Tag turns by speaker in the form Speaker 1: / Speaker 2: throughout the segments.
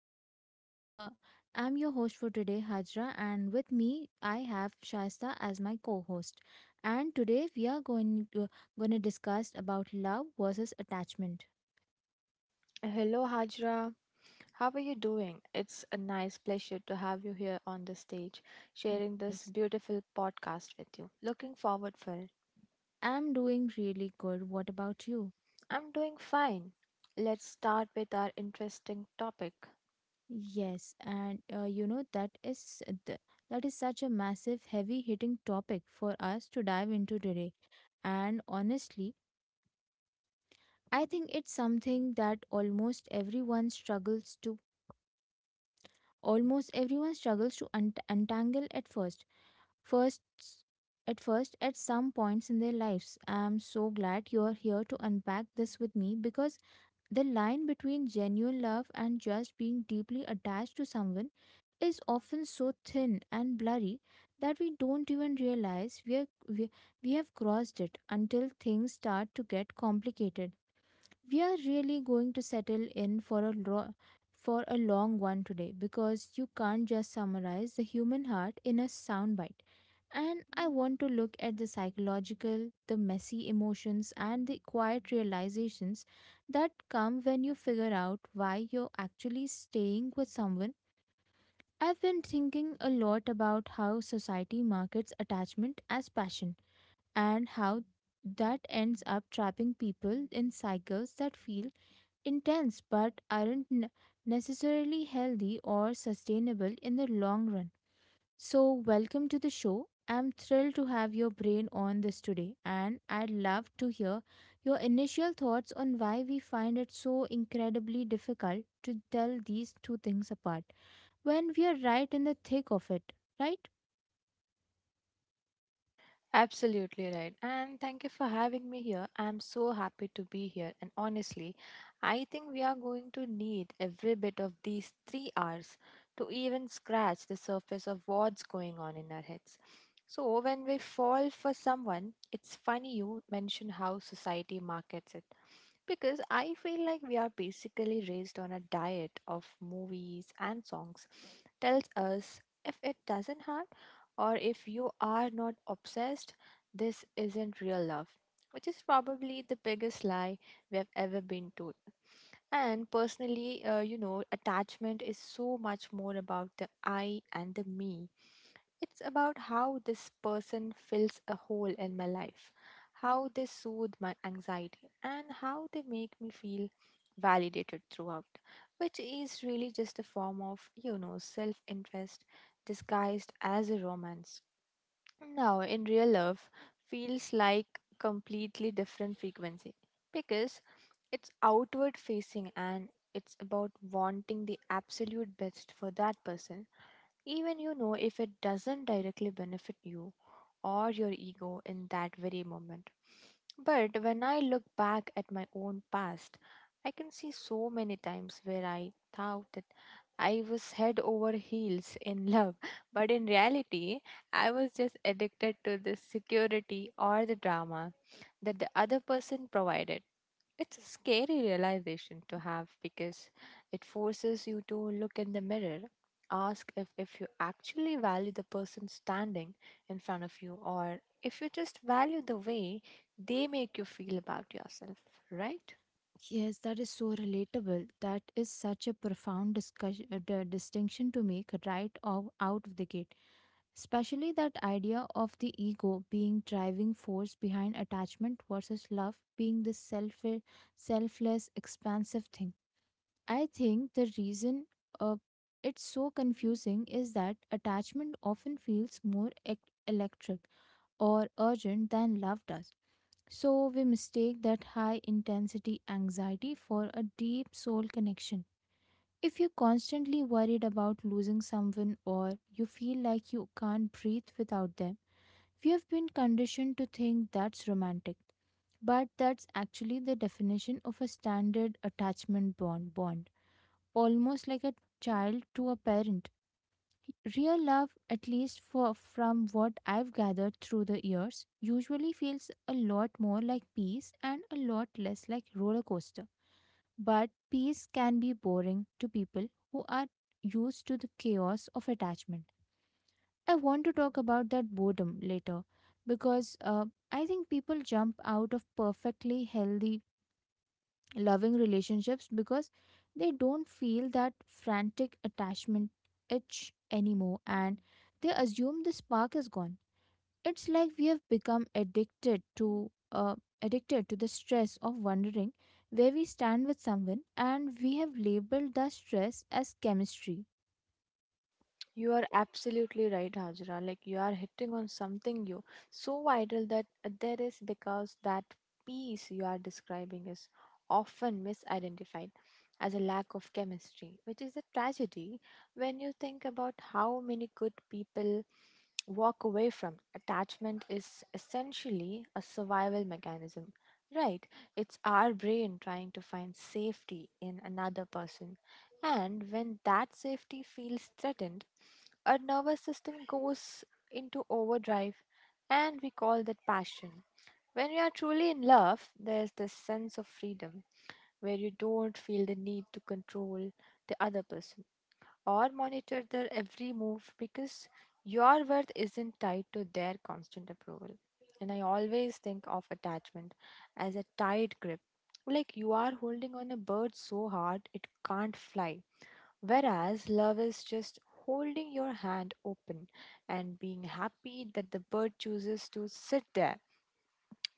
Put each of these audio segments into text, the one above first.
Speaker 1: I'm your host for today, Hajra. And with me, I have Shaista as my co-host. And today, we are going to discuss about love versus attachment.
Speaker 2: Hello, Hajra. How are you doing? It's a nice pleasure to have you here on the stage, sharing this
Speaker 1: Yes,
Speaker 2: beautiful podcast with you. Looking forward for it.
Speaker 1: I'm doing really good. What about you?
Speaker 2: I'm doing fine. Let's start with our interesting topic.
Speaker 1: Yes, and you know that is th- That is such a massive, heavy-hitting topic for us to dive into today. And honestly, I think it's something that almost everyone struggles to untangle at first. First at first at some points in their lives. I am so glad you are here to unpack this with me, because the line between genuine love and just being deeply attached to someone is often so thin and blurry that we don't even realize we have crossed it until things start to get complicated. We are really going to settle in for a long one today, because you can't just summarize the human heart in a soundbite, and I want to look at the psychological, the messy emotions, and the quiet realizations that come when you figure out why you're actually staying with someone. I've been thinking a lot about how society markets attachment as passion, and how that ends up trapping people in cycles that feel intense but aren't n- necessarily healthy or sustainable in the long run. So, welcome to the show. I'm thrilled to have your brain on this today, and I'd love to hear your initial thoughts on why we find it so incredibly difficult to tell these two things apart when we are right in the thick of it, right?
Speaker 2: Absolutely right. And thank you for having me here. I'm so happy to be here. And honestly, I think we are going to need every bit of these 3 hours to even scratch the surface of what's going on in our heads. So, when we fall for someone, it's funny you mention how society markets it. Because I feel like we are basically raised on a diet of movies and songs, tells us if it doesn't harm, or if you are not obsessed, this isn't real love, which is probably the biggest lie we have ever been told. And personally, you know, attachment is so much more about the I and the me. It's about how this person fills a hole in my life, how they soothe my anxiety, and how they make me feel validated throughout, which is really just a form of, you know, self interest disguised as a romance. Now, in real love, feels like completely different frequency because it's outward facing and it's about wanting the absolute best for that person, even you know if it doesn't directly benefit you or your ego in that very moment. But when I look back at my own past, I can see so many times where I thought that I was head over heels in love, but in reality, I was just addicted to the security or the drama that the other person provided. It's a scary realization to have because it forces you to look in the mirror, ask if you actually value the person standing in front of you or if you just value the way they make you feel about yourself, right?
Speaker 1: Yes, that is so relatable. That is such a profound distinction to make right out of the gate. Especially that idea of the ego being driving force behind attachment versus love being this selfless, expansive thing. I think the reason uh, it's so confusing is that attachment often feels more electric or urgent than love does, so we mistake that high intensity anxiety for a deep soul connection. If you're constantly worried about losing someone, or you feel like you can't breathe without them, we have been conditioned to think that's romantic. But that's actually the definition of a standard attachment bond, almost like a child to a parent. Real love, at least for, from what I've gathered through the years, usually feels a lot more like peace and a lot less like roller coaster. But peace can be boring to people who are used to the chaos of attachment. I want to talk about that boredom later, because I think people jump out of perfectly healthy loving relationships because they don't feel that frantic attachment itch anymore, and they assume the spark is gone. It's like we have become addicted to the stress of wondering where we stand with someone, and we have labeled the stress as chemistry.
Speaker 2: You are absolutely right, Hajra. Like you are hitting on something you so vital that there is because that piece you are describing is often misidentified as a lack of chemistry, which is a tragedy when you think about how many good people walk away from. Attachment is essentially a survival mechanism, right? It's our brain trying to find safety in another person and when that safety feels threatened, our nervous system goes into overdrive and we call that passion. When we are truly in love, there's this sense of freedom where you don't feel the need to control the other person or monitor their every move because your worth isn't tied to their constant approval. And I always think of attachment as a tight grip, like you are holding on a bird so hard it can't fly. Whereas love is just holding your hand open and being happy that the bird chooses to sit there.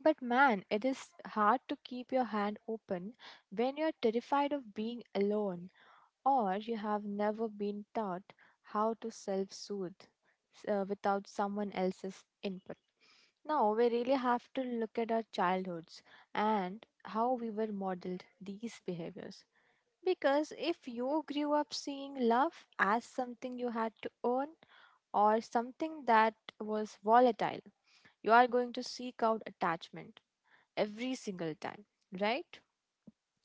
Speaker 2: But man, it is hard to keep your hand open when you're terrified of being alone or you have never been taught how to self soothe without someone else's input. Now, we really have to look at our childhoods and how we were modeled these behaviors. Because if you grew up seeing love as something you had to earn or something that was volatile, you are going to seek out attachment every single time, right?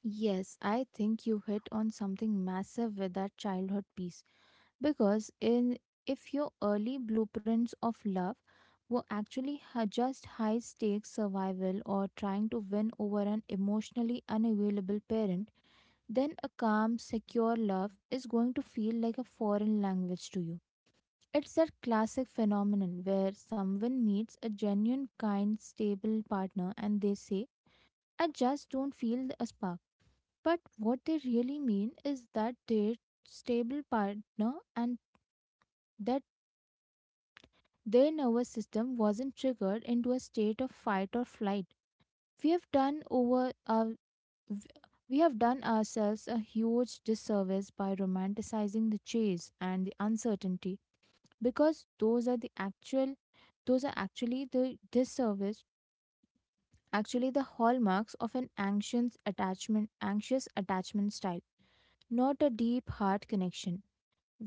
Speaker 1: Yes, I think you hit on something massive with that childhood piece, because in if your early blueprints of love were just high stakes survival, or trying to win over an emotionally unavailable parent, then a calm secure love is going to feel like a foreign language to you. It's that classic phenomenon where someone meets a genuine kind stable partner and they say, I just don't feel a spark. But what they really mean is that their stable partner and that their nervous system wasn't triggered into a state of fight or flight. We have done over our, we have done ourselves a huge disservice by romanticizing the chase and the uncertainty, because those are actually the disservice actually the hallmarks of an anxious attachment style, not a deep heart connection.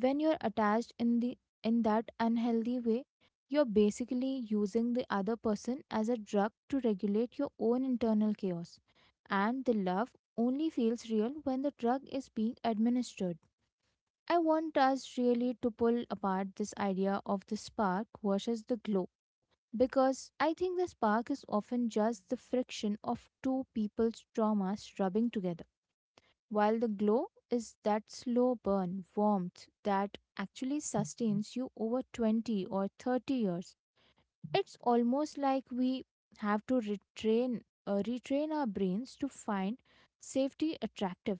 Speaker 1: When you're attached in that unhealthy way, you're basically using the other person as a drug to regulate your own internal chaos, and the love only feels real when the drug is being administered. I want us really to pull apart this idea of the spark versus the glow, because I think the spark is often just the friction of two people's traumas rubbing together, while the glow is that slow burn warmth that actually sustains you over 20 or 30 years. It's almost like we have to retrain our brains to find safety attractive,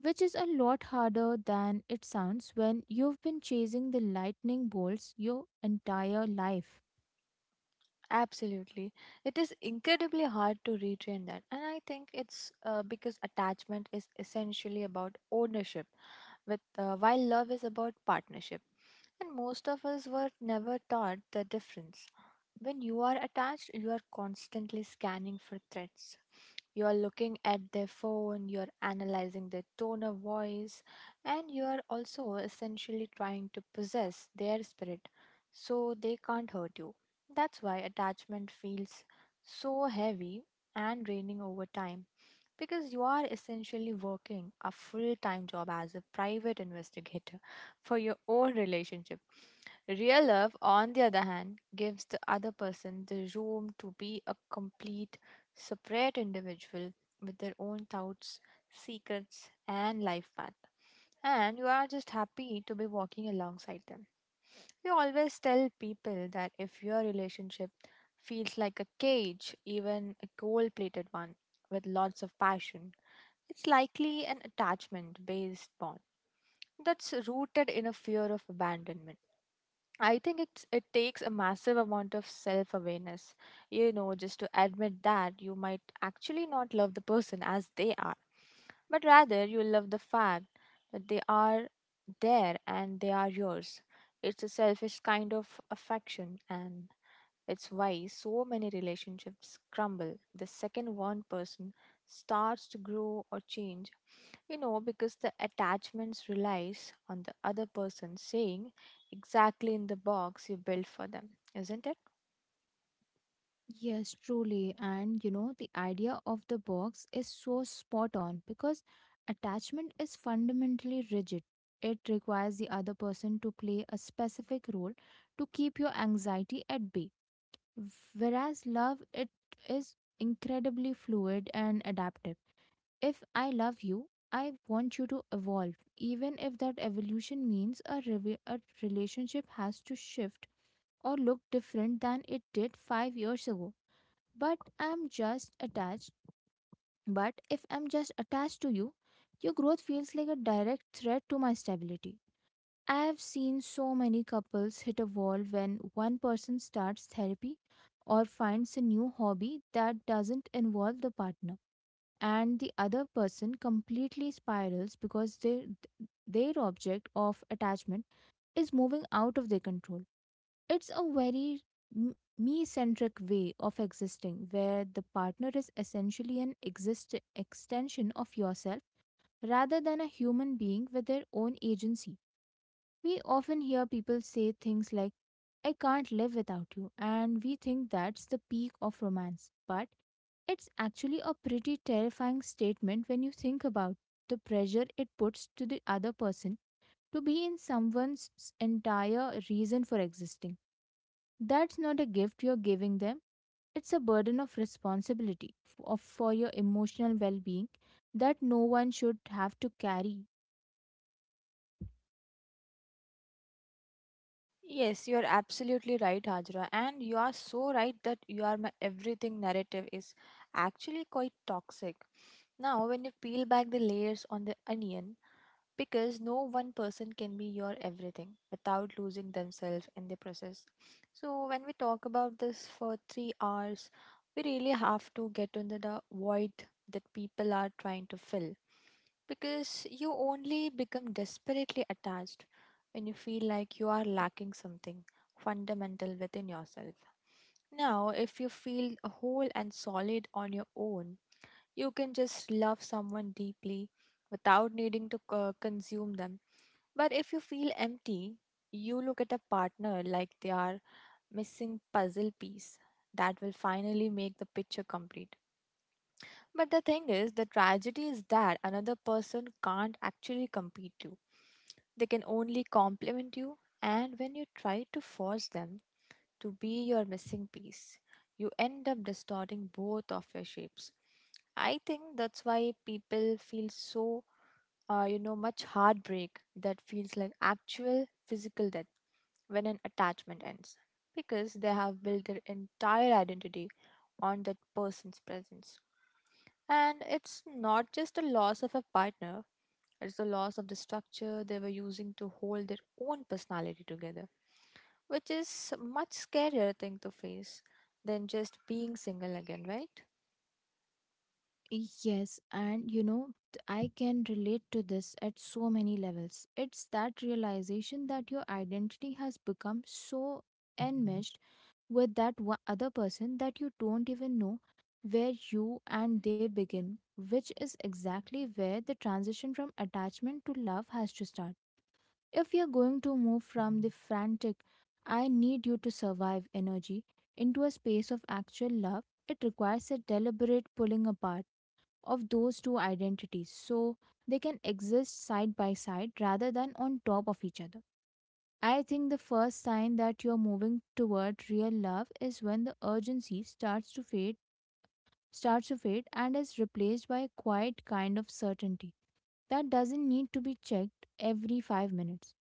Speaker 1: which is a lot harder than it sounds when you've been chasing the lightning bolts your entire life.
Speaker 2: Absolutely. It is incredibly hard to retrain that. And I think it's because attachment is essentially about ownership, with, while love is about partnership. And most of us were never taught the difference. When you are attached, you are constantly scanning for threats. You are looking at their phone, you are analyzing their tone of voice, and you are also essentially trying to possess their spirit so they can't hurt you. That's why attachment feels so heavy and draining over time because you are essentially working a full time job as a private investigator for your own relationship. Real love, on the other hand, gives the other person the room to be a complete, separate individual with their own thoughts, secrets, and life path. And you are just happy to be walking alongside them. We always tell people that if your relationship feels like a cage, even a gold plated one with lots of passion, it's likely an attachment based bond that's rooted in a fear of abandonment. I think it takes a massive amount of self awareness, you know, just to admit that you might actually not love the person as they are, but rather you love the fact that they are there and they are yours. It's a selfish kind of affection, and it's why so many relationships crumble the second one person starts to grow or change, you know, because the attachments relies on the other person saying exactly in the box you built for them, isn't it?
Speaker 1: Yes, truly. And you know, the idea of the box is so spot on, because attachment is fundamentally rigid. It requires the other person to play a specific role to keep your anxiety at bay. Whereas love, it is incredibly fluid and adaptive. If I love you, I want you to evolve, even if that evolution means a relationship has to shift or look different than it did 5 years ago. but I'm just attached. But if I'm just attached to you, your growth feels like a direct threat to my stability. I've seen so many couples hit a wall when one person starts therapy or finds a new hobby that doesn't involve the partner, and the other person completely spirals because their object of attachment is moving out of their control. It's a very me centric way of existing, where the partner is essentially an extension of yourself rather than a human being with their own agency. We often hear people say things like, I can't live without you, and we think that's the peak of romance. But it's actually a pretty terrifying statement when you think about the pressure it puts to the other person to be in someone's entire reason for existing. That's not a gift you're giving them. It's a burden of responsibility for your emotional well being that no one should have to carry.
Speaker 2: Yes, you are absolutely right, Hajra. And you are so right that you are my everything narrative is actually quite toxic. Now, when you peel back the layers on the onion, because no one person can be your everything without losing themselves in the process. So, when we talk about this for 3 hours, we really have to get into the void that people are trying to fill because you only become desperately attached when you feel like you are lacking something fundamental within yourself. Now, if you feel whole and solid on your own, you can just love someone deeply without needing to consume them. But if you feel empty, you look at a partner like they are missing puzzle piece that will finally make the picture complete. But the thing is, the tragedy is that another person can't actually compete you. They can only compliment you, and when you try to force them to be your missing piece, you end up distorting both of your shapes. I think that's why people feel so you know, much heartbreak that feels like actual physical death when an attachment ends because they have built their entire identity on that person's presence. And it's not just a loss of a partner, it's the loss of the structure they were using to hold their own personality together, which is much scarier thing to face than just being single again, right?
Speaker 1: Yes, and you know, th- I can relate to this at so many levels. It's that realization that your identity has become so enmeshed with that one other person that you don't even know where you and they begin, which is exactly where the transition from attachment to love has to start. If you're going to move from the frantic, I need you to survive energy into a space of actual love, it requires a deliberate pulling apart of those two identities so they can exist side by side rather than on top of each other. I think the first sign that you're moving toward real love is when the urgency starts to fade and is replaced by a quiet kind of certainty that doesn't need to be checked every 5 minutes.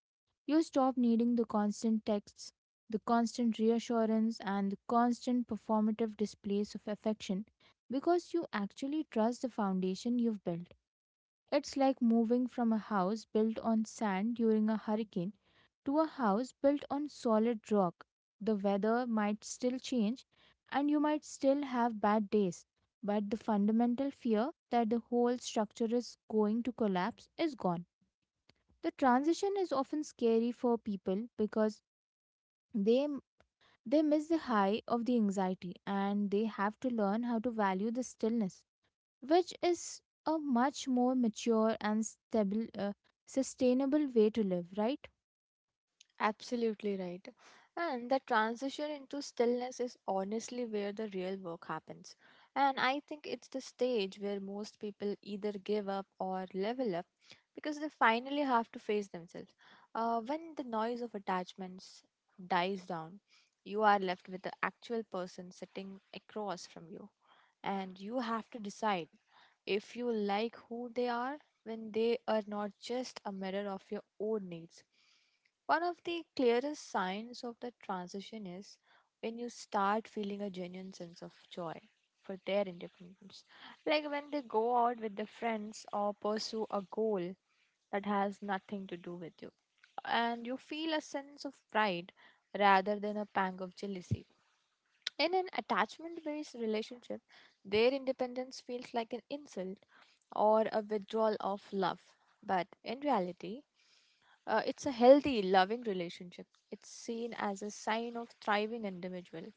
Speaker 1: You stop needing the constant texts, the constant reassurance, and the constant performative displays of affection, because you actually trust the foundation you've built. It's like moving from a house built on sand during a hurricane to a house built on solid rock. The weather might still change, and you might still have bad days, but the fundamental fear that the whole structure is going to collapse is gone. The transition is often scary for people, because they they miss the high of the anxiety and they have to learn how to value the stillness, which is a much more mature and stable sustainable way to live, right?
Speaker 2: Absolutely right. And the transition into stillness is honestly where the real work happens. And I think it's the stage where most people either give up or level up because they finally have to face themselves. When the noise of attachments dies down, you are left with the actual person sitting across from you. And you have to decide if you like who they are when they are not just a mirror of your own needs. One of the clearest signs of the transition is when you start feeling a genuine sense of joy for their independence. Like when they go out with their friends or pursue a goal that has nothing to do with you. And you feel a sense of pride rather than a pang of jealousy. In an attachment based relationship, their independence feels like an insult or a withdrawal of love. But in reality, it's a healthy, loving relationship. It's seen as a sign of thriving individual.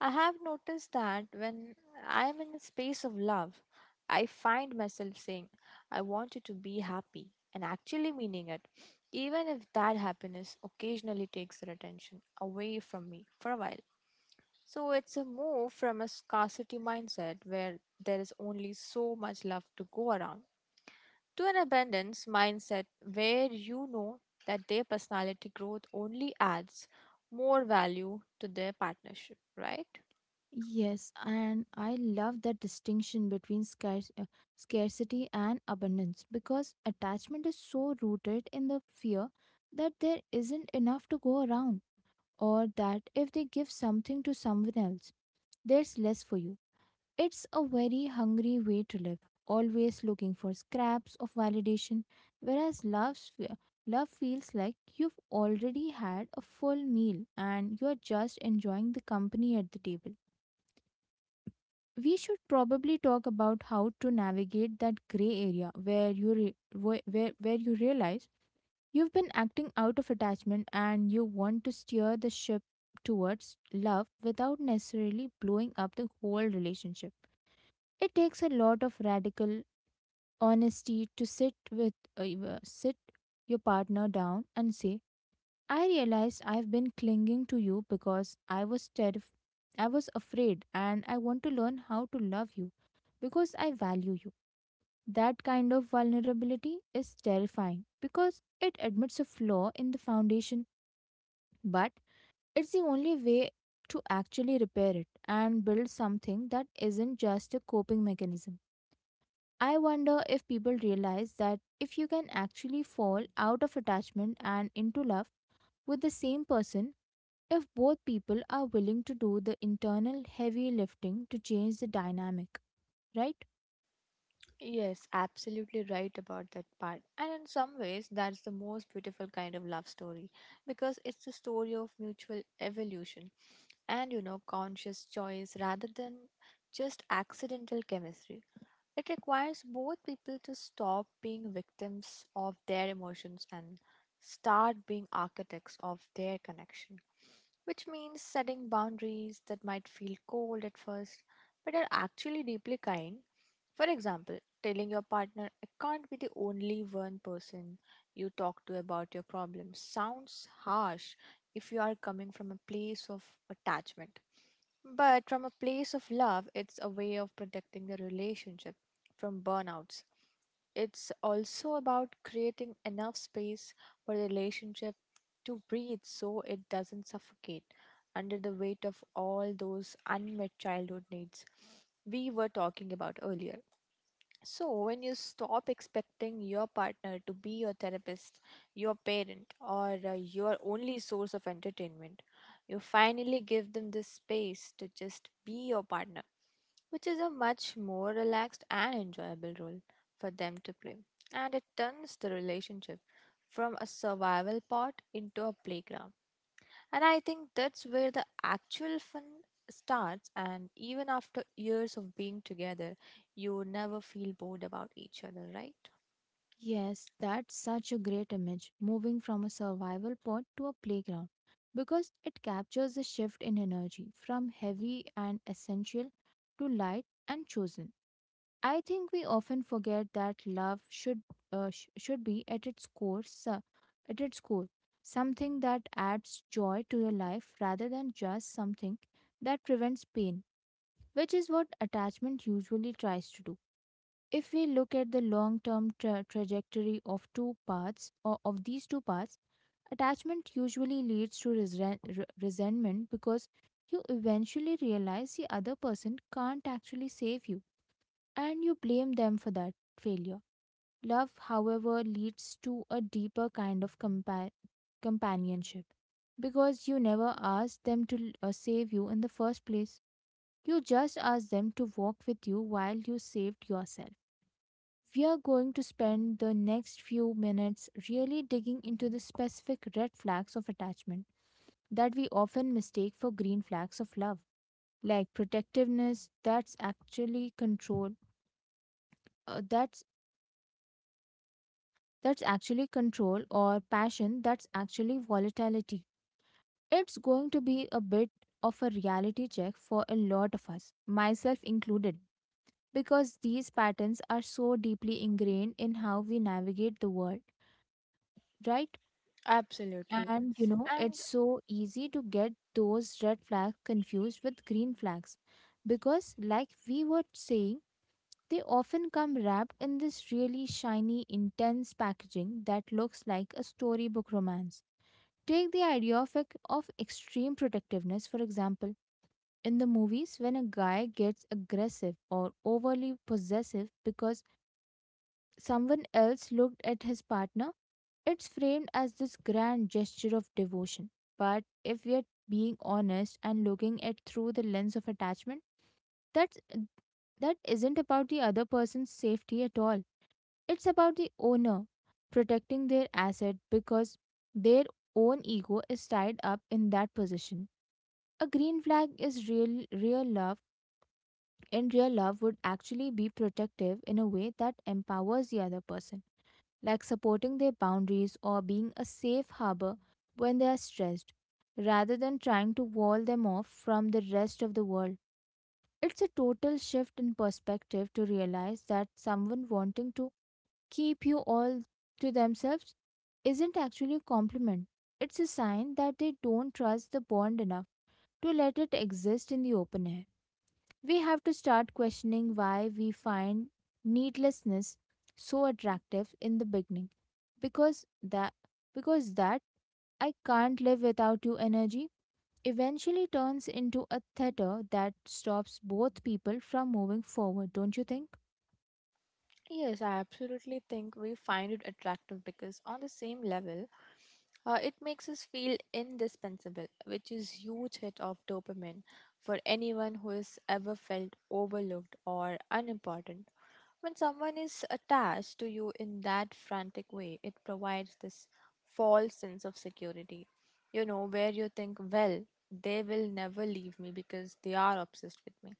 Speaker 2: I have noticed that when I am in a space of love, I find myself saying, I want you to be happy, and actually meaning it, even if that happiness occasionally takes their attention away from me for a while. So it's a move from a scarcity mindset where there is only so much love to go around to an abundance mindset where you know that their personality growth only adds more value to their partnership, right?
Speaker 1: Yes, and I love that distinction between scarcity and abundance, because attachment is so rooted in the fear that there isn't enough to go around, or that if they give something to someone else there's less for you. It's a very hungry way to live, always looking for scraps of validation, whereas love feels like you've already had a full meal and you're just enjoying the company at the table. We should probably talk about how to navigate that gray area where you realize you've been acting out of attachment and you want to steer the ship towards love without necessarily blowing up the whole relationship. It takes a lot of radical honesty to sit with sit your partner down and say, "I realized I've been clinging to you because I was terrif- I was afraid, and I want to learn how to love you because I value you." That kind of vulnerability is terrifying because it admits a flaw in the foundation, but it's the only way to actually repair it and build something that isn't just a coping mechanism. I wonder if people realize that if you can actually fall out of attachment and into love with the same person, if both people are willing to do the internal heavy lifting to change the dynamic, right?
Speaker 2: Yes, absolutely right about that part. And in some ways, that's the most beautiful kind of love story because it's a story of mutual evolution and, you know, conscious choice rather than just accidental chemistry. It requires both people to stop being victims of their emotions and start being architects of their connection, which means setting boundaries that might feel cold at first but are actually deeply kind. For example, telling your partner, I can't be the only one person you talk to about your problems sounds harsh if you are coming from a place of attachment. But from a place of love, it's a way of protecting the relationship from burnouts. It's also about creating enough space for the relationship to breathe so it doesn't suffocate under the weight of all those unmet childhood needs we were talking about earlier. So, when you stop expecting your partner to be your therapist, your parent, or your only source of entertainment, you finally give them the space to just be your partner, which is a much more relaxed and enjoyable role for them to play. And it turns the relationship from a survival pod into a playground and I think that's where the actual fun starts. And even after years of being together, you never feel bored about each other, right?
Speaker 1: Yes, that's such a great image, moving from a survival pod to a playground, because it captures the shift in energy from heavy and essential to light and chosen. I think we often forget that love should be at its core, at its core, something that adds joy to your life rather than just something that prevents pain, which is what attachment usually tries to do. If we look at the long-term trajectory of these two paths, attachment usually leads to resentment because you eventually realize the other person can't actually save you, and you blame them for that failure. Love, however, leads to a deeper kind of companionship because you never asked them to save you in the first place. You just asked them to walk with you while you saved yourself. We are going to spend the next few minutes really digging into the specific red flags of attachment that we often mistake for green flags of love, like protectiveness, that's actually uh, that control or passion that's actually volatility. It's going to be a bit of a reality check for a lot of us, myself included, because these patterns are so deeply ingrained in how we navigate the world, right?
Speaker 2: Absolutely.
Speaker 1: And you know, it's
Speaker 2: And
Speaker 1: so easy to get those red flags confused with green flags because, like we were saying, they often come wrapped in this really shiny, intense packaging that looks like a storybook romance. Take the idea of extreme protectiveness, for example. In the movies, when a guy gets aggressive or overly possessive because someone else looked at his partner, it's framed as this grand gesture of devotion. But if we are being honest and looking at through the lens of attachment, that's that isn't about the other person's safety at all. It's about the owner protecting their asset because their own ego is tied up in that position. A green flag is real real love and real love would actually be protective in a way that empowers the other person, like supporting their boundaries or being a safe harbor when they are stressed, rather than trying to wall them off from the rest of the world. It's a total shift in perspective to realize that someone wanting to keep you all to themselves isn't actually a compliment. It's a sign that they don't trust the bond enough to let it exist in the open air. We have to start questioning why we find needlessness so attractive in the beginning. Because that because that I can't live without you energy eventually turns into a theater that stops both people from moving forward, don't you think?
Speaker 2: yes, I absolutely think we find it attractive because, on the same level, it makes us feel indispensable, which is huge hit of dopamine for anyone who has ever felt overlooked or unimportant. When someone is attached to you in that frantic way, it provides this false sense of security, you know, where you think, well, they will never leave me because they are obsessed with me.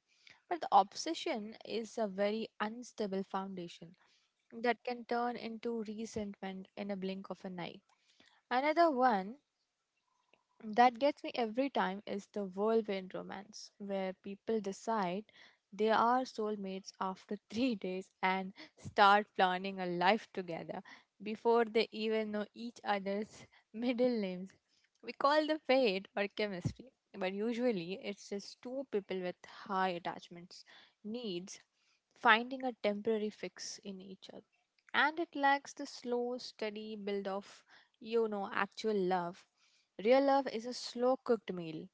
Speaker 2: But the obsession is a very unstable foundation that can turn into resentment in a blink of an eye. Another one that gets me every time is the whirlwind romance, where people decide they are soulmates after 3 days and start planning a life together before they even know each other's middle names. We call the fate or chemistry, but usually it's just two people with high attachments, needs, finding a temporary fix in each other. And it lacks the slow, steady build of, you know, actual love. Real love is a slow cooked meal.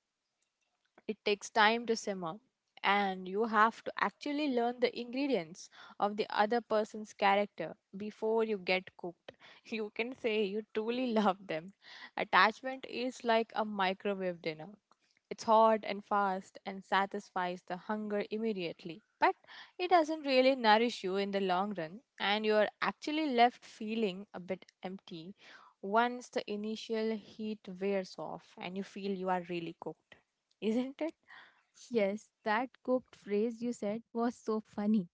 Speaker 2: It takes time to simmer, and you have to actually learn the ingredients of the other person's character before you get cooked. You can say you truly love them. Attachment is like a microwave dinner. It's hot and fast and satisfies the hunger immediately, but it doesn't really nourish you in the long run, and you're actually left feeling a bit empty once the initial heat wears off and you feel you are really cooked, isn't it?
Speaker 1: Yes, that cooked phrase you said was so funny.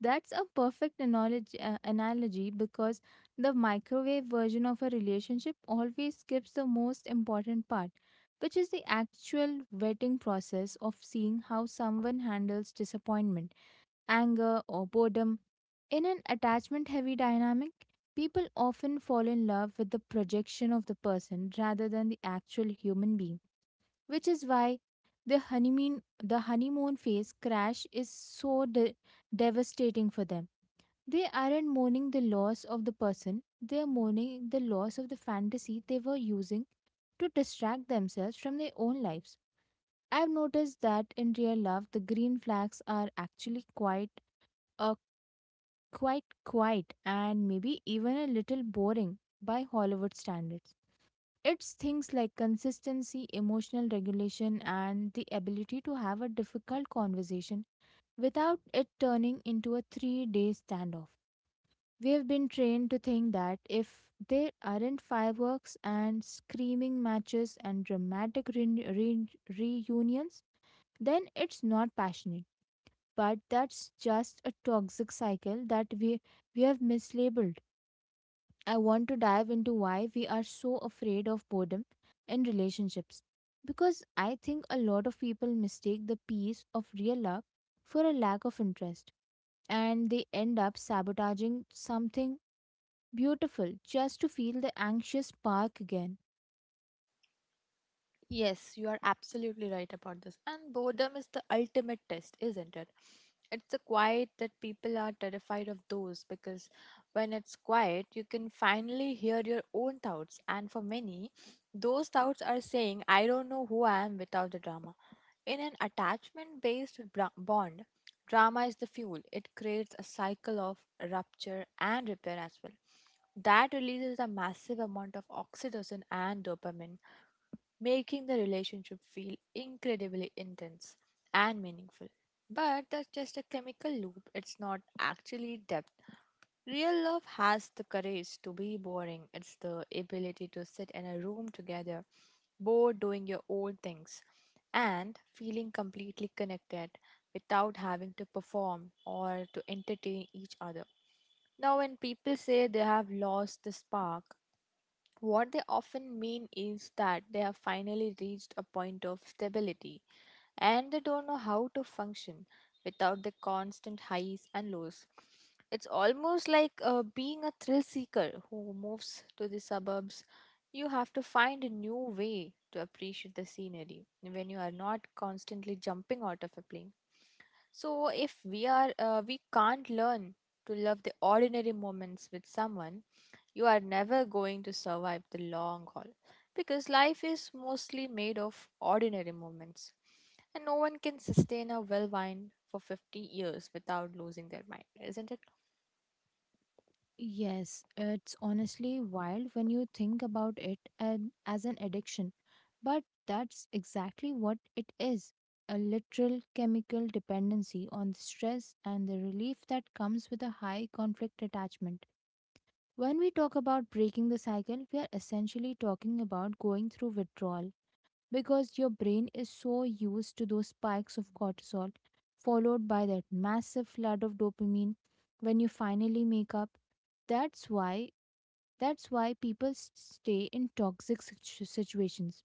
Speaker 1: That's a perfect analogy because the microwave version of a relationship always skips the most important part, which is the actual vetting process of seeing how someone handles disappointment, anger, or boredom. In an attachment heavy dynamic, people often fall in love with the projection of the person rather than the actual human being, which is why the honeymoon the honeymoon phase crash is so devastating for them. They aren't mourning the loss of the person. They are mourning the loss of the fantasy they were using to distract themselves from their own lives. I've noticed that in real love, the green flags are actually quite uh, quite quiet and maybe even a little boring by Hollywood standards. It's things like consistency, emotional regulation, and the ability to have a difficult conversation without it turning into a 3-day standoff. We have been trained to think that if there aren't fireworks and screaming matches and dramatic reunions, then it's not passionate. But that's just a toxic cycle that we have mislabeled. I want to dive into why we are so afraid of boredom in relationships. Because I think a lot of people mistake the peace of real love for a lack of interest, and they end up sabotaging something beautiful just to feel the anxious spark again.
Speaker 2: Yes, you are absolutely right about this. And boredom is the ultimate test, isn't it? It's a quiet that people are terrified of those because when it's quiet, you can finally hear your own thoughts. And for many, those thoughts are saying, I don't know who I am without the drama. In an attachment based bond, drama is the fuel. It creates a cycle of rupture and repair as well. That releases a massive amount of oxytocin and dopamine, making the relationship feel incredibly intense and meaningful. But that's just a chemical loop, it's not actually depth. Real love has the courage to be boring. It's the ability to sit in a room together, bored doing your own things, and feeling completely connected without having to perform or to entertain each other. Now, when people say they have lost the spark, what they often mean is that they have finally reached a point of stability and they don't know how to function without the constant highs and lows. It's almost like being a thrill seeker who moves to the suburbs. You have to find a new way to appreciate the scenery when you are not constantly jumping out of a plane. So if we can't learn to love the ordinary moments with someone, you are never going to survive the long haul because life is mostly made of ordinary moments. And no one can sustain a well wine for 50 years without losing their mind, isn't it?
Speaker 1: Yes, it's honestly wild when you think about it and as an addiction. But that's exactly what it is, a literal chemical dependency on the stress and the relief that comes with a high conflict attachment. When we talk about breaking the cycle, we are essentially talking about going through withdrawal because your brain is so used to those spikes of cortisol, followed by that massive flood of dopamine when you finally make up. That's why that's why people stay in toxic situations.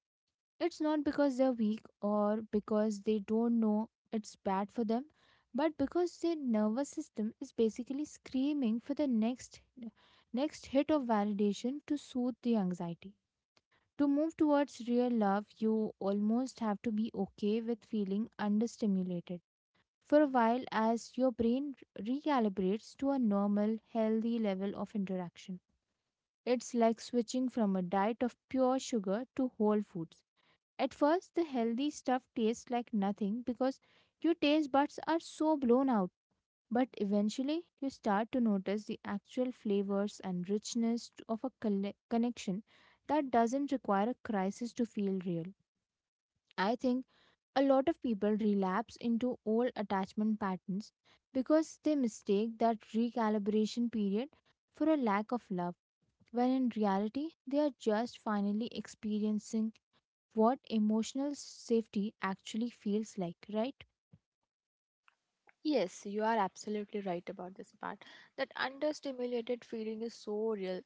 Speaker 1: It's not because they're weak or because they don't know it's bad for them, but because their nervous system is basically screaming for the next hit of validation to soothe the anxiety. To move towards real love, you almost have to be okay with feeling understimulated for a while as your brain recalibrates to a normal, healthy level of interaction. It's like switching from a diet of pure sugar to whole foods. At first, the healthy stuff tastes like nothing because your taste buds are so blown out. But eventually, you start to notice the actual flavors and richness of a connection that doesn't require a crisis to feel real. I think a lot of people relapse into old attachment patterns because they mistake that recalibration period for a lack of love, when in reality, they are just finally experiencing what emotional safety actually feels like, right?
Speaker 2: Yes, you are absolutely right about this part. That understimulated feeling is so real.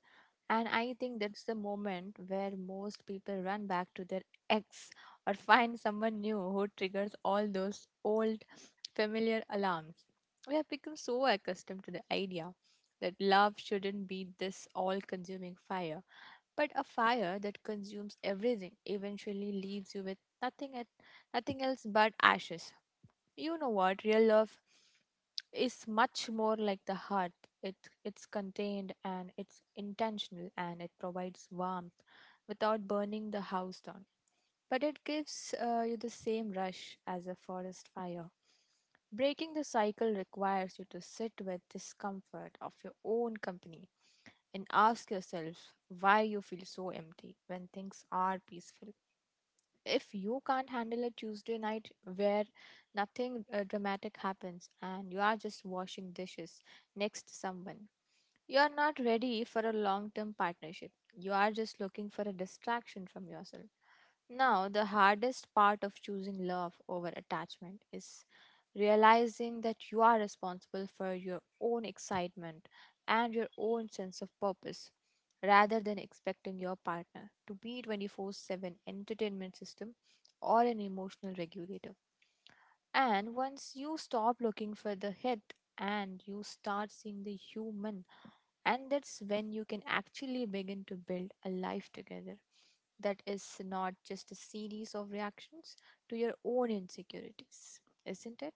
Speaker 2: And I think that's the moment where most people run back to their ex or find someone new who triggers all those old familiar alarms. We have become so accustomed to the idea that love shouldn't be this all consuming fire. But a fire that consumes everything eventually leaves you with nothing else but ashes. You know what? Real love is much more like the heart. It, it's contained and it's intentional and it provides warmth without burning the house down. But it gives you the same rush as a forest fire. Breaking the cycle requires you to sit with discomfort of your own company and ask yourself why you feel so empty when things are peaceful. If you can't handle a Tuesday night where nothing dramatic happens and you are just washing dishes next to someone, you are not ready for a long term partnership. You are just looking for a distraction from yourself. Now, the hardest part of choosing love over attachment is realizing that you are responsible for your own excitement and your own sense of purpose rather than expecting your partner to be 24/7 entertainment system or an emotional regulator. And once you stop looking for the hit and you start seeing the human, and that's when you can actually begin to build a life together that is not just a series of reactions to your own insecurities, isn't it?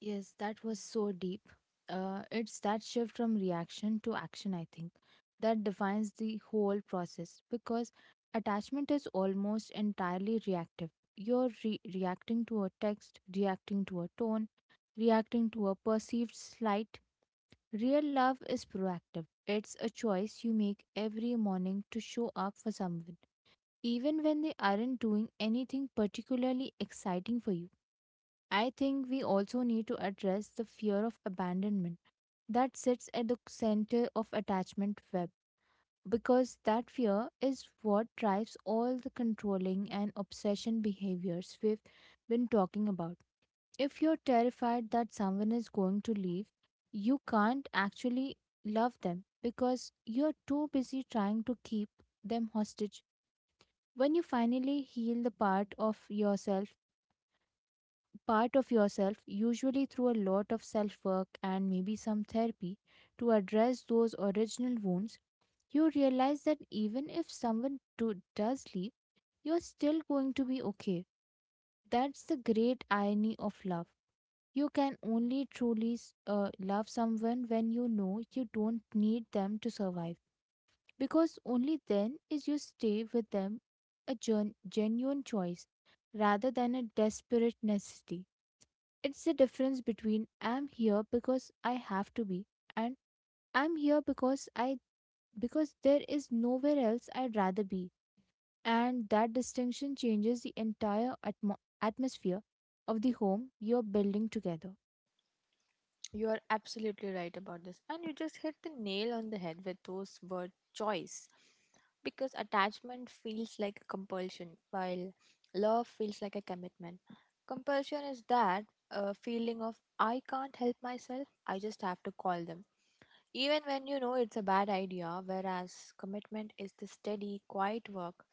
Speaker 1: Yes, that was so deep. It's that shift from reaction to action, I think, that defines the whole process because attachment is almost entirely reactive. You're reacting to a text, reacting to a tone, reacting to a perceived slight. Real love is proactive. It's a choice you make every morning to show up for someone, even when they aren't doing anything particularly exciting for you. I think we also need to address the fear of abandonment that sits at the center of attachment web, because that fear is what drives all the controlling and obsession behaviors we've been talking about. If you're terrified that someone is going to leave, you can't actually love them because you're too busy trying to keep them hostage. When you finally heal the part of yourself, usually through a lot of self work and maybe some therapy, to address those original wounds, you realize that even if someone does leave, you're still going to be okay. That's the great irony of love. You can only truly love someone when you know you don't need them to survive, because only then is you stay with them a genuine choice rather than a desperate necessity. It's the difference between I'm here because I have to be, and I'm here because there is nowhere else I'd rather be. And that distinction changes the entire atmosphere of the home you're building together.
Speaker 2: You are absolutely right about this. And you just hit the nail on the head with those word choice. Because attachment feels like a compulsion, while love feels like a commitment. Compulsion is that feeling of I can't help myself, I just have to call them even when you know it's a bad idea, whereas commitment is the steady, quiet work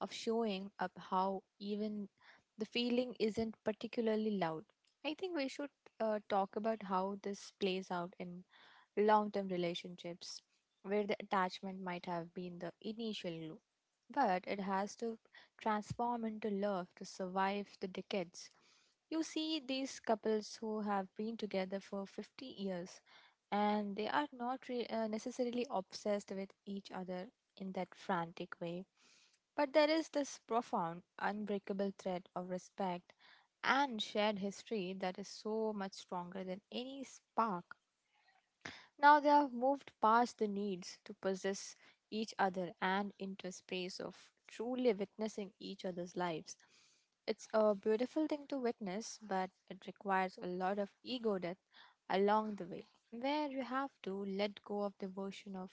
Speaker 2: of showing up how even the feeling isn't particularly loud. I think we should talk about how this plays out in long term relationships where the attachment might have been the initial glue. But it has to transform into love to survive the decades. You see these couples who have been together for 50 years and they are not necessarily obsessed with each other in that frantic way. But there is this profound, unbreakable thread of respect and shared history that is so much stronger than any spark. Now they have moved past the needs to possess each other and into a space of truly witnessing each other's lives. It's a beautiful thing to witness, but it requires a lot of ego death along the way, where you have to let go of the version of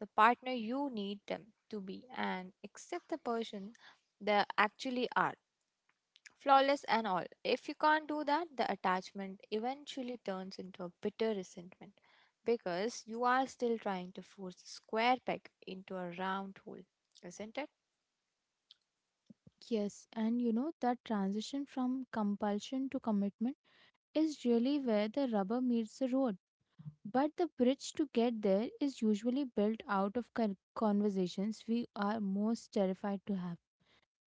Speaker 2: the partner you need them to be and accept the person they actually are, flawless and all. If you can't do that, the attachment eventually turns into a bitter resentment because you are still trying to force a square peg into a round hole, isn't it?
Speaker 1: Yes, and you know that transition from compulsion to commitment is really where the rubber meets the road. But the bridge to get there is usually built out of conversations we are most terrified to have.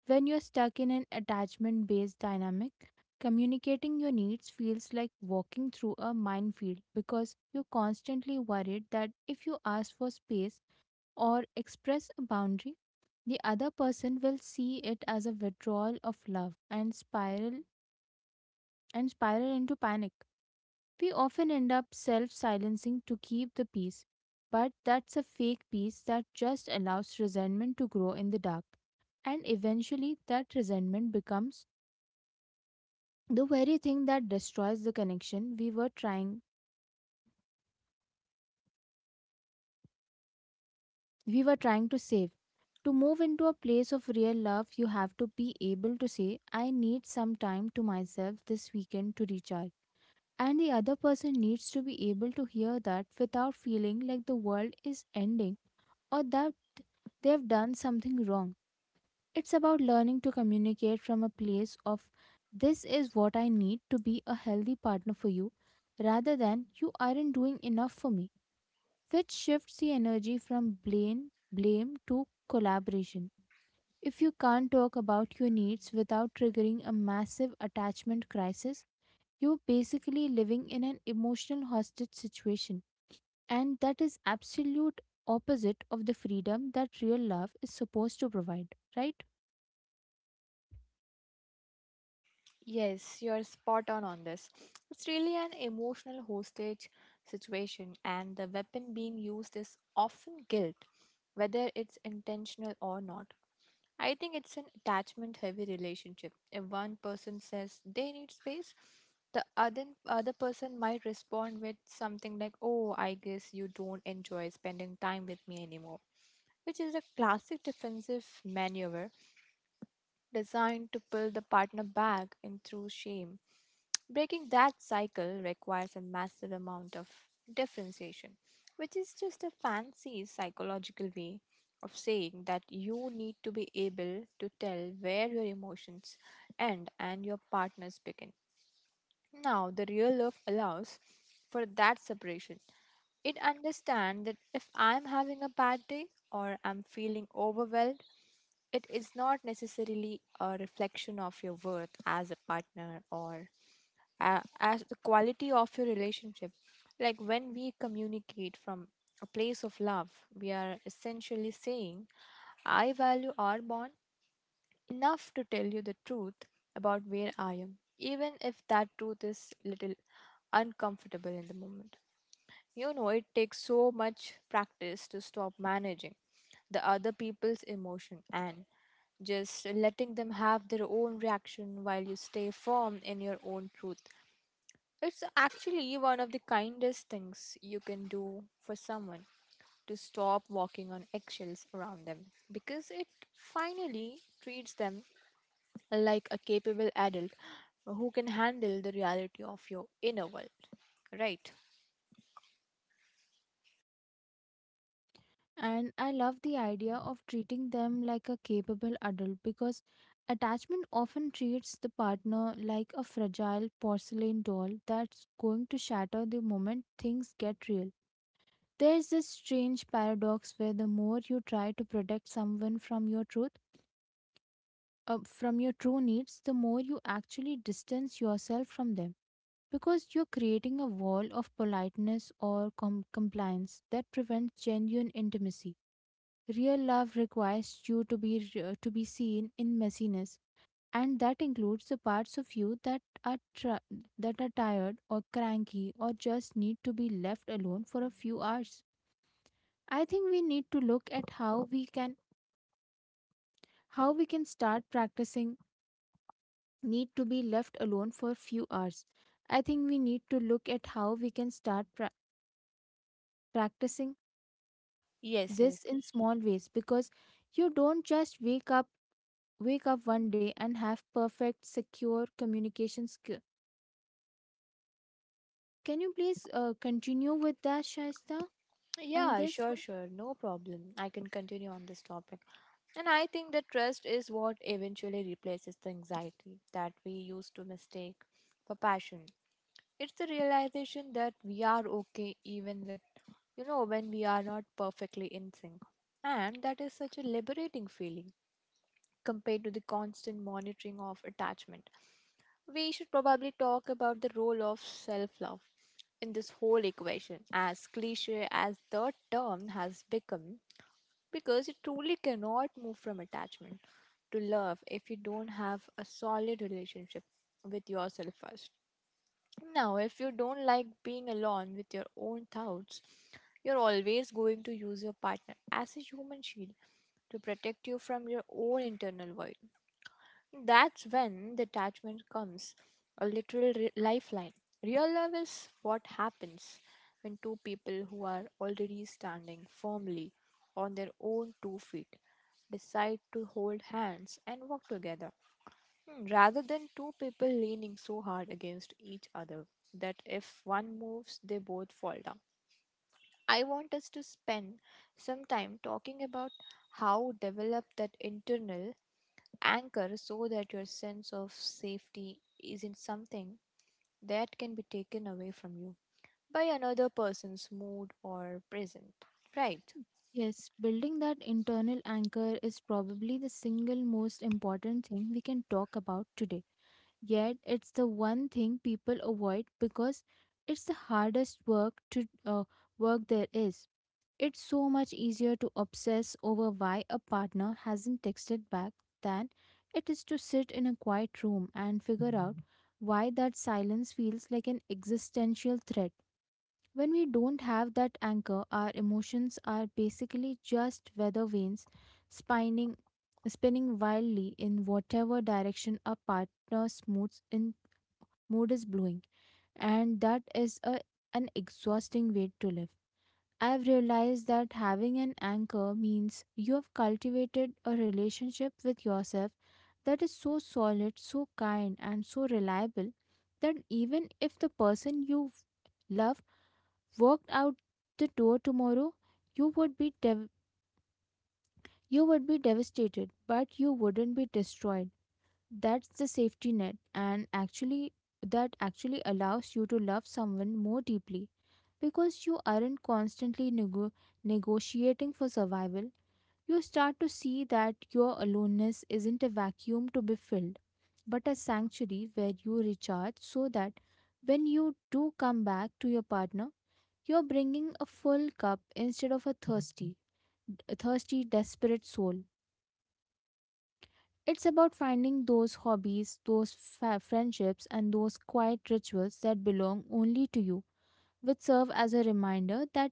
Speaker 1: When you're stuck in an attachment based dynamic, communicating your needs feels like walking through a minefield because you're constantly worried that if you ask for space or express a boundary, the other person will see it as a withdrawal of love and spiral into panic. We often end up self-silencing to keep the peace, but that's a fake peace that just allows resentment to grow in the dark, and eventually that resentment becomes the very thing that destroys the connection we were trying to save. To move into a place of real love, you have to be able to say, I need some time to myself this weekend to recharge, and the other person needs to be able to hear that without feeling like the world is ending, or that they've done something wrong. It's about learning to communicate from a place of, this is what I need to be a healthy partner for you, rather than, you aren't doing enough for me. That shifts the energy from blame to collaboration. If you can't talk about your needs without triggering a massive attachment crisis, you're basically living in an emotional hostage situation. And that is absolute opposite of the freedom that real love is supposed to provide, right?
Speaker 2: Yes, you're spot on this. It's really an emotional hostage situation, and the weapon being used is often guilt, whether it's intentional or not. I think it's an attachment heavy relationship. If one person says they need space, the other person might respond with something like, "Oh, I guess you don't enjoy spending time with me anymore," which is a classic defensive maneuver designed to pull the partner back in through shame. Breaking that cycle requires a massive amount of differentiation, which is just a fancy psychological way of saying that you need to be able to tell where your emotions end and your partner's begin. Now, the real love allows for that separation. It understands that if I'm having a bad day or I'm feeling overwhelmed, it is not necessarily a reflection of your worth as a partner or as the quality of your relationship. Like when we communicate from a place of love, we are essentially saying, I value our bond enough to tell you the truth about where I am, even if that truth is little uncomfortable in the moment. You know, it takes so much practice to stop managing the other people's emotion and just letting them have their own reaction while you stay firm in your own truth. It's actually one of the kindest things you can do for someone to stop walking on eggshells around them because it finally treats them like a capable adult who can handle the reality of your inner world. Right?
Speaker 1: And I love the idea of treating them like a capable adult because attachment often treats the partner like a fragile porcelain doll that's going to shatter the moment things get real. There's this strange paradox where the more you try to protect someone from your truth, from your true needs, the more you actually distance yourself from them because you're creating a wall of politeness or compliance that prevents genuine intimacy. Real love requires you to be seen in messiness, and that includes the parts of you that are tired or cranky or just need to be left alone for a few hours. I think we need to look at how we can start practicing need to be left alone for few hours. I think we need to look at how we can start practicing
Speaker 2: Yes,
Speaker 1: this
Speaker 2: yes.
Speaker 1: in small ways because you don't just wake up one day and have perfect, secure communication skill. Can you please continue with that, Shaista, on
Speaker 2: Yeah,
Speaker 1: this
Speaker 2: sure,
Speaker 1: one?
Speaker 2: sure. No problem. I can continue on this topic. And I think that trust is what eventually replaces the anxiety that we used to mistake for passion. It's the realization that we are okay even with, you know, when we are not perfectly in sync. And that is such a liberating feeling compared to the constant monitoring of attachment. We should probably talk about the role of self love in this whole equation, as cliche as the term has become, because you truly cannot move from attachment to love if you don't have a solid relationship with yourself first. Now, if you don't like being alone with your own thoughts, you're always going to use your partner as a human shield to protect you from your own internal void. That's when detachment comes a literal lifeline. Real love is what happens when two people who are already standing firmly on their own two feet decide to hold hands and walk together. Hmm, rather than two people leaning so hard against each other that if one moves, they both fall down. I want us to spend some time talking about how develop that internal anchor so that your sense of safety isn't something that can be taken away from you by another person's mood or present. Right?
Speaker 1: Yes, building that internal anchor is probably the single most important thing we can talk about today. Yet, it's the one thing people avoid because it's the hardest work to work there is. It's so much easier to obsess over why a partner hasn't texted back than it is to sit in a quiet room and figure out why that silence feels like an existential threat. When we don't have that anchor, our emotions are basically just weather vanes spinning, spinning wildly in whatever direction a mood is blowing. And an exhausting way to live. I've realized that having an anchor means you have cultivated a relationship with yourself that is so solid, so kind, and so reliable that even if the person you love walked out the door tomorrow, you would be you would be devastated, but you wouldn't be destroyed. That's the safety net, and actually, that actually allows you to love someone more deeply because you aren't constantly negotiating for survival. You start to see that your aloneness isn't a vacuum to be filled, but a sanctuary where you recharge so that when you do come back to your partner, you're bringing a full cup instead of a thirsty, desperate soul. It's about finding those hobbies, those friendships, and those quiet rituals that belong only to you, which serve as a reminder that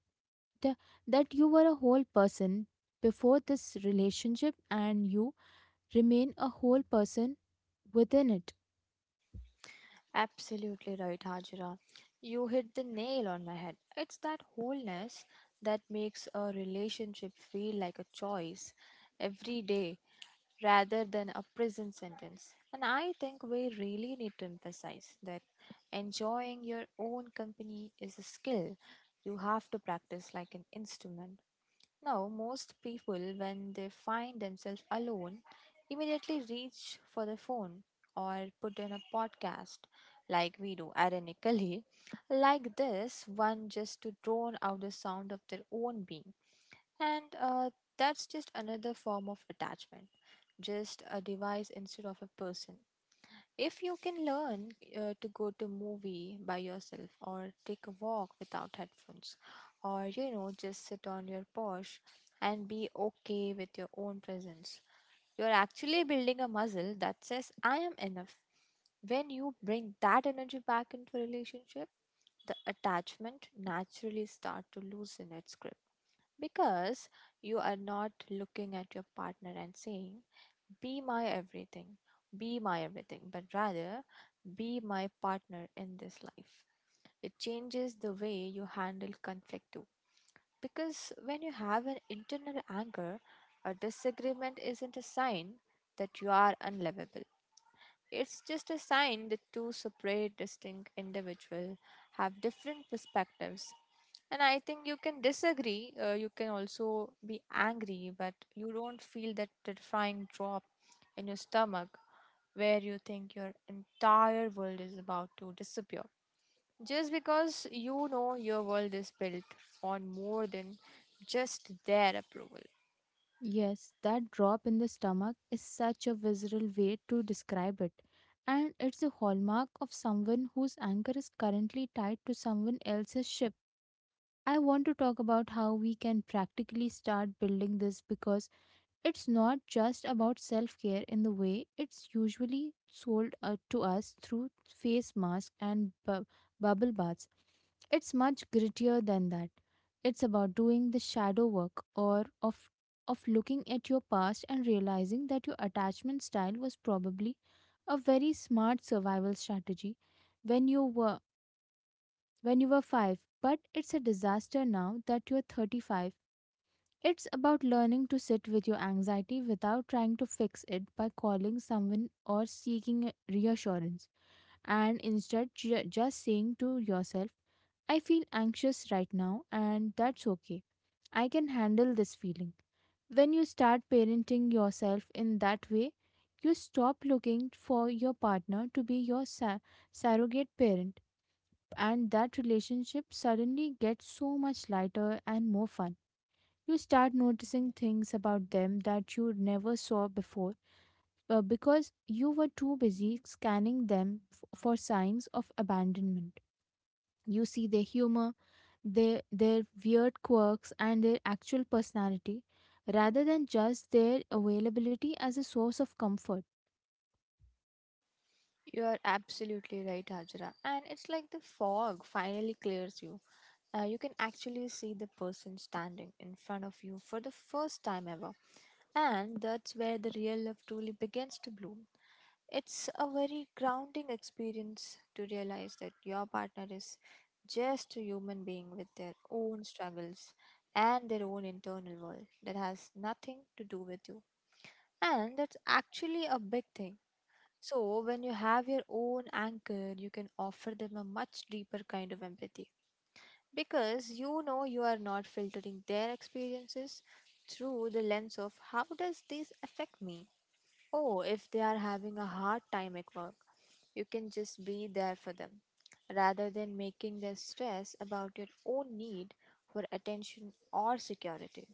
Speaker 1: that you were a whole person before this relationship and you remain a whole person within it.
Speaker 2: Absolutely right, Hajira. You hit the nail on my head. It's that wholeness that makes a relationship feel like a choice every day rather than a prison sentence. And I think we really need to emphasize that enjoying your own company is a skill you have to practice like an instrument. Now, most people, when they find themselves alone, immediately reach for their phone or put on a podcast like we do, ironically, like this one, just to drown out the sound of their own being. And That's just another form of attachment, just a device instead of a person. If you can learn to go to movie by yourself or take a walk without headphones or just sit on your porch and be okay with your own presence, you're actually building a muscle that says I am enough. When you bring that energy back into a relationship, the attachment naturally start to loosen its grip because you are not looking at your partner and saying be my everything, be my everything, but rather be my partner in this life. It changes the way you handle conflict too. Because when you have an internal anger, a disagreement isn't a sign that you are unlovable. It's just a sign that two separate, distinct individuals have different perspectives. And I think you can disagree, you can also be angry, but you don't feel that terrifying drop in your stomach where you think your entire world is about to disappear. Just because you know your world is built on more than just their approval.
Speaker 1: Yes, that drop in the stomach is such a visceral way to describe it. And it's a hallmark of someone whose anger is currently tied to someone else's ship. I want to talk about how we can practically start building this because it's not just about self care in the way it's usually sold to us through face masks and bubble baths. It's much grittier than that. It's about doing the shadow work or of looking at your past and realizing that your attachment style was probably a very smart survival strategy when you were when you were 5, but it's a disaster now that you're 35. It's about learning to sit with your anxiety without trying to fix it by calling someone or seeking a reassurance, and instead just saying to yourself, I feel anxious right now, and that's okay. I can handle this feeling. When you start parenting yourself in that way, you stop looking for your partner to be your surrogate parent, and that relationship suddenly gets so much lighter and more fun. You start noticing things about them that you never saw before because you were too busy scanning them for signs of abandonment. You see their humor, their weird quirks, and their actual personality rather than just their availability as a source of comfort.
Speaker 2: You are absolutely right, Hajra. And it's like the fog finally clears you. You can actually see the person standing in front of you for the first time ever. And that's where the real love truly begins to bloom. It's a very grounding experience to realize that your partner is just a human being with their own struggles and their own internal world that has nothing to do with you. And that's actually a big thing. So, when you have your own anchor, you can offer them a much deeper kind of empathy because you know you are not filtering their experiences through the lens of how does this affect me? Oh, if they are having a hard time at work, you can just be there for them rather than making their stress about your own need for attention or security.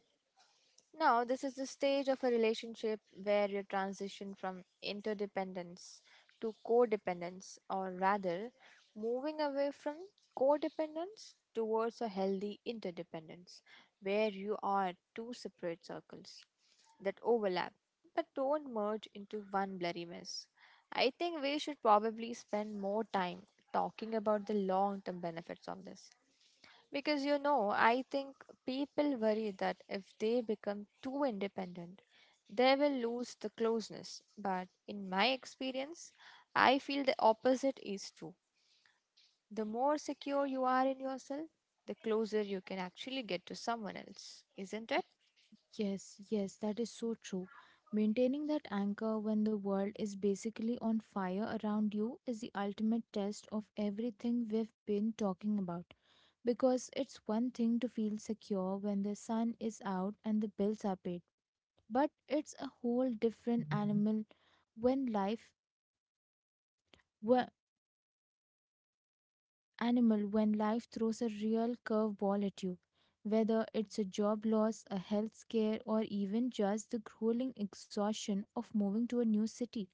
Speaker 2: Now, this is the stage of a relationship where you transition from interdependence to codependence, or rather, moving away from codependence towards a healthy interdependence, where you are two separate circles that overlap but don't merge into one blurry mess. I think we should probably spend more time talking about the long term benefits of this because you know, I think people worry that if they become too independent, they will lose the closeness. But in my experience, I feel the opposite is true. The more secure you are in yourself, the closer you can actually get to someone else, isn't it?
Speaker 1: Yes, yes, that is so true. Maintaining that anchor when the world is basically on fire around you is the ultimate test of everything we've been talking about. Because it's one thing to feel secure when the sun is out and the bills are paid, but it's a whole different animal when life, animal when life throws a real curveball at you, whether it's a job loss, a health scare, or even just the grueling exhaustion of moving to a new city.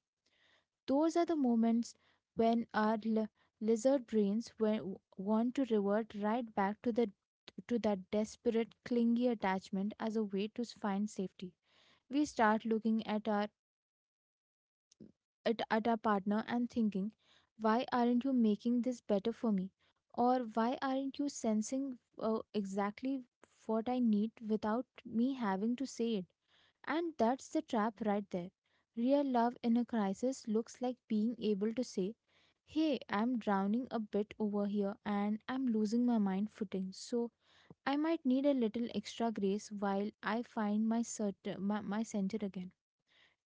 Speaker 1: Those are the moments when our lizard brains want to revert right back to the to that desperate, clingy attachment as a way to find safety. We start looking at our it at our partner and thinking, why aren't you making this better for me? Or why aren't you sensing exactly what I need without me having to say it? And that's the trap right there. Real love in a crisis looks like being able to say, hey, I'm drowning a bit over here and I'm losing my mind footing. So I might need a little extra grace while I find my center again.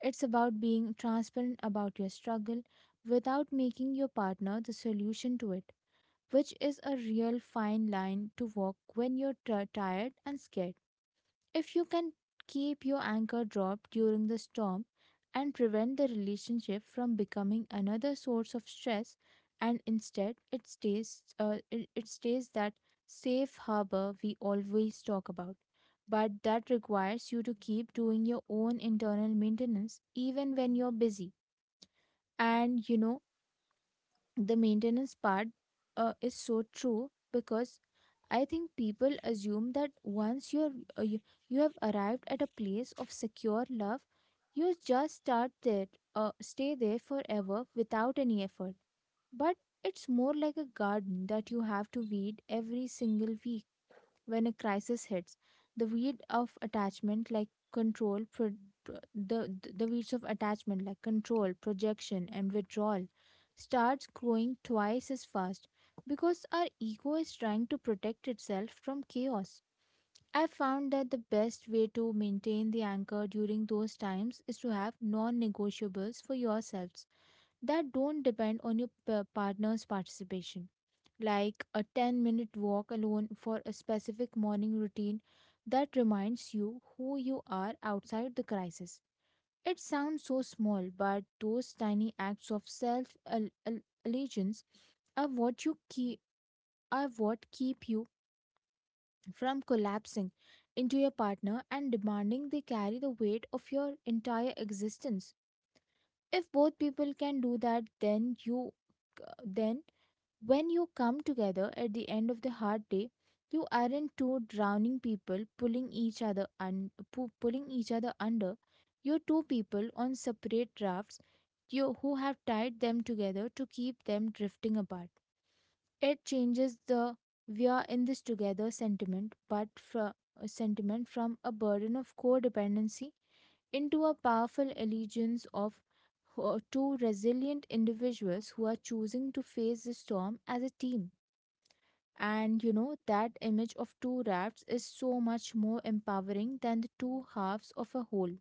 Speaker 1: It's about being transparent about your struggle without making your partner the solution to it, which is a real fine line to walk when you're tired and scared. If you can keep your anchor dropped during the storm and prevent the relationship from becoming another source of stress, and instead it stays, it, it stays that safe harbor we always talk about. But that requires you to keep doing your own internal maintenance even when you're busy. And you know, the maintenance part is so true because I think people assume that once uh, you, you have arrived at a place of secure love, you just start there, stay there forever without any effort. But it's more like a garden that you have to weed every single week when a crisis hits. The weed of attachment, like control, pro- pro- the weeds of attachment, like control, projection, and withdrawal, starts growing twice as fast because our ego is trying to protect itself from chaos. I found that the best way to maintain the anchor during those times is to have non negotiables for yourselves that don't depend on your partner's participation, like a 10-minute walk alone for a specific morning routine that reminds you who you are outside the crisis. It sounds so small, but those tiny acts of self allegiance are what you keep are what keep you from collapsing into your partner and demanding they carry the weight of your entire existence. If both people can do that, then you then when you come together at the end of the hard day, you aren't two drowning people pulling each pulling each other under. You're two people on separate rafts, who have tied them together to keep them drifting apart. It changes the we are in this together sentiment from a burden of codependency into a powerful allegiance of two resilient individuals who are choosing to face the storm as a team. And you know, that image of two rafts is so much more empowering than the two halves of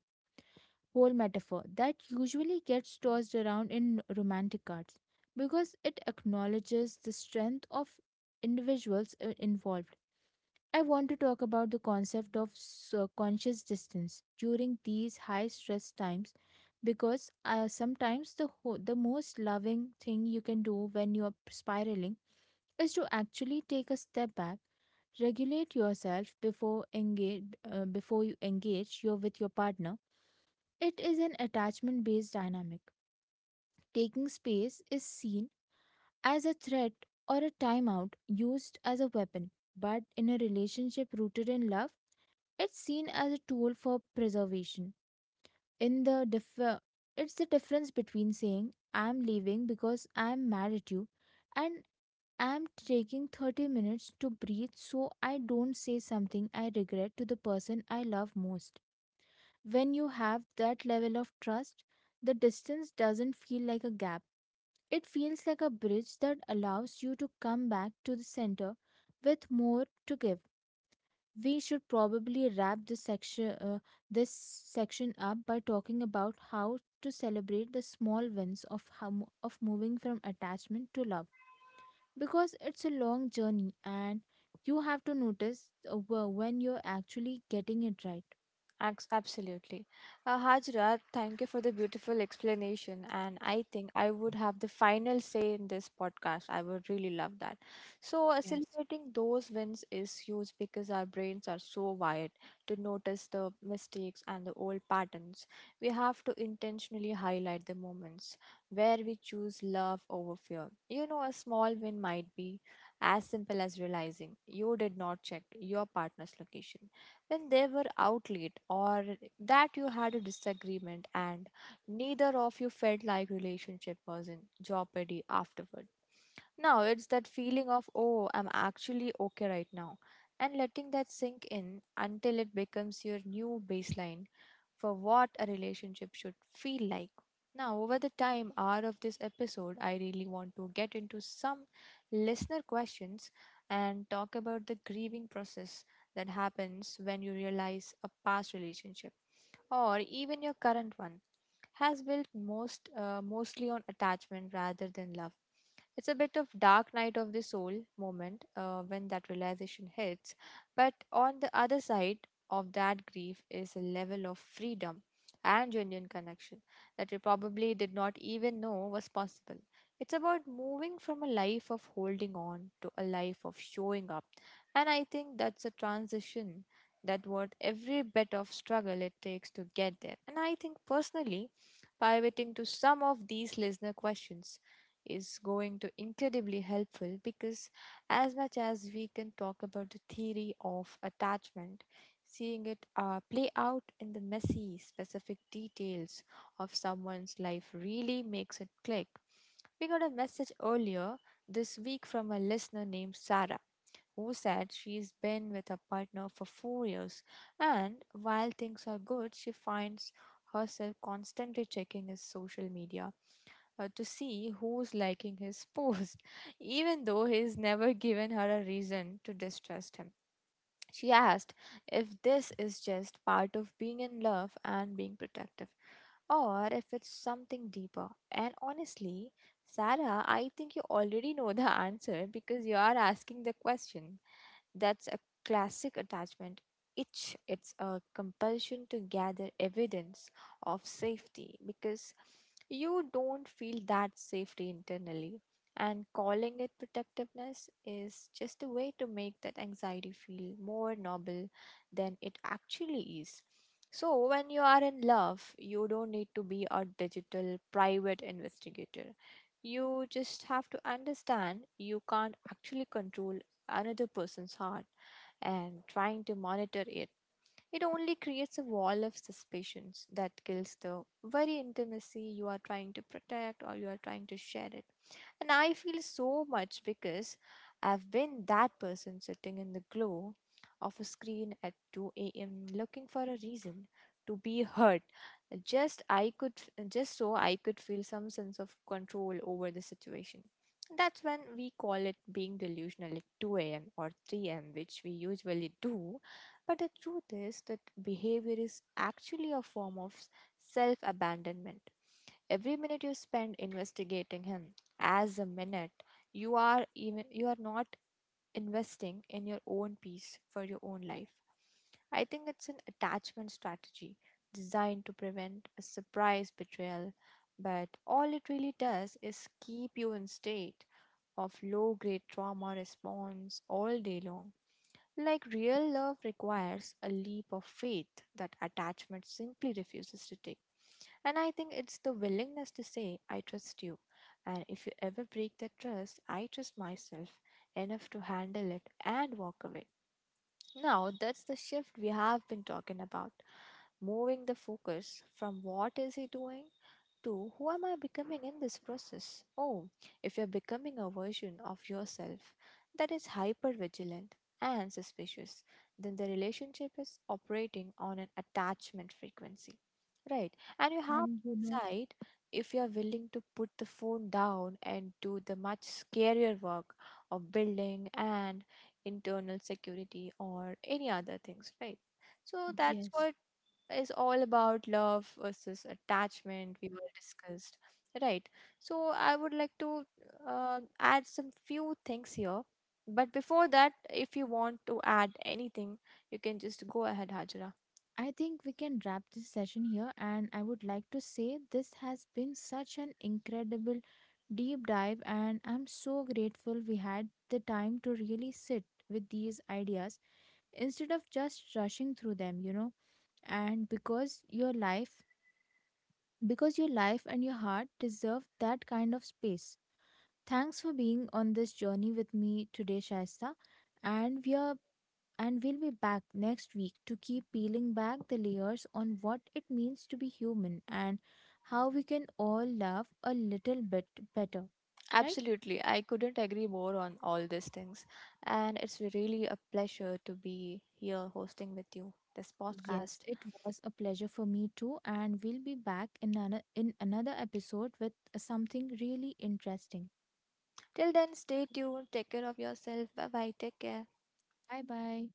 Speaker 1: whole metaphor that usually gets tossed around in romantic cards because it acknowledges the strength of individuals involved. I want to talk about the concept of conscious distance during these high stress times because sometimes the most loving thing you can do when you are spiraling is to actually take a step back, regulate yourself before engage before you engage your with your partner. It is an attachment based dynamic. Taking space is seen as a threat or a timeout used as a weapon, but in a relationship rooted in love, it's seen as a tool for preservation. In the differ, it's the difference between saying I'm leaving because I'm mad at you and I'm taking 30 minutes to breathe so I don't say something I regret to the person I love most. When you have that level of trust, the distance doesn't feel like a gap. It feels like a bridge that allows you to come back to the center with more to give. We should probably wrap this section up by talking about how to celebrate the small wins of of moving from attachment to love because it's a long journey and you have to notice when you're actually getting it right.
Speaker 2: Absolutely. Hajra, thank you for the beautiful explanation. And I think I would have the final say in this podcast. I would really love that. So,
Speaker 1: Yes.
Speaker 2: celebrating those wins is huge because our brains are so wired to notice the mistakes and the old patterns. We have to intentionally highlight the moments where we choose love over fear. You know, a small win might be as simple as realizing you did not check your partner's location when they were out late, or that you had a disagreement and neither of you felt like relationship was in jeopardy afterward. Now it's that feeling of, oh, I'm actually okay right now, and letting that sink in until it becomes your new baseline for what a relationship should feel like. Now, over the time hour of this episode, I really want to get into some listener questions and talk about the grieving process that happens when you realize a past relationship or even your current one has built most mostly on attachment rather than love. It's a bit of dark night of the soul moment when that realization hits, but on the other side of that grief is a level of freedom and genuine connection that you probably did not even know was possible. It's about moving from a life of holding on to a life of showing up, and I think that's a transition that worth every bit of struggle it takes to get there. And I think personally, pivoting to some of these listener questions is going to incredibly helpful because as much as we can talk about the theory of attachment, seeing it play out in the messy specific details of someone's life really makes it click. We got a message earlier this week from a listener named Sarah, who said she's been with her partner for 4 years, and while things are good, she finds herself constantly checking his social media to see who's liking his post, even though he's never given her a reason to distrust him. She asked if this is just part of being in love and being protective, or if it's something deeper. And honestly, Sarah, I think you already know the answer because you are asking the question. That's a classic attachment itch. It's a compulsion to gather evidence of safety because you don't feel that safety internally. And calling it protectiveness is just a way to make that anxiety feel more noble than it actually is. So, when you are in love, you don't need to be a digital private investigator. You just have to understand you can't actually control another person's heart and trying to monitor it. It only creates a wall of suspicions that kills the very intimacy you are trying to protect or you are trying to share it. And I feel so much because I've been that person sitting in the glow of a screen at 2 a.m. looking for a reason to be heard. Just I could just so I could feel some sense of control over the situation. That's when we call it being delusional at 2 a.m. or 3 a.m., which we usually do. But the truth is that behavior is actually a form of self abandonment. Every minute you spend investigating him as a minute, you are not investing in your own peace for your own life. I think it's an attachment strategy designed to prevent a surprise betrayal, but all it really does is keep you in state of low grade trauma response all day long. Like real love requires a leap of faith that attachment simply refuses to take. And I think it's the willingness to say, I trust you. And if you ever break that trust, I trust myself enough to handle it and walk away. Now, that's the shift we have been talking about, moving the focus from what is he doing to who am I becoming in this process? Oh, if you're becoming a version of yourself that is hyper vigilant and suspicious, then the relationship is operating on an attachment frequency, right? And you have
Speaker 1: And you
Speaker 2: to
Speaker 1: know,
Speaker 2: decide if you're willing to put the phone down and do the much scarier work of building and internal security or any other things, right? So that's
Speaker 1: yes,
Speaker 2: what is all about love versus attachment we were discussed, right? So I would like to add some few things here, but before that, if you want to add anything, you can just go ahead, Hajra.
Speaker 1: I think we can wrap this session here. And I would like to say this has been such an incredible deep dive, and I'm so grateful we had the time to really sit with these ideas instead of just rushing through them, you know. And because your life and your heart deserve that kind of space. Thanks for being on this journey with me today, Shaista. And we are and we'll be back next week to keep peeling back the layers on what it means to be human and how we can all love a little bit better. Right?
Speaker 2: Absolutely, I couldn't agree more on all these things. And it's really a pleasure to be here hosting with you this podcast.
Speaker 1: Yes, it was a pleasure for me too, and we'll be back in another episode with something really interesting.
Speaker 2: Till then, stay tuned, take care of yourself, bye bye, take care.
Speaker 1: Bye bye.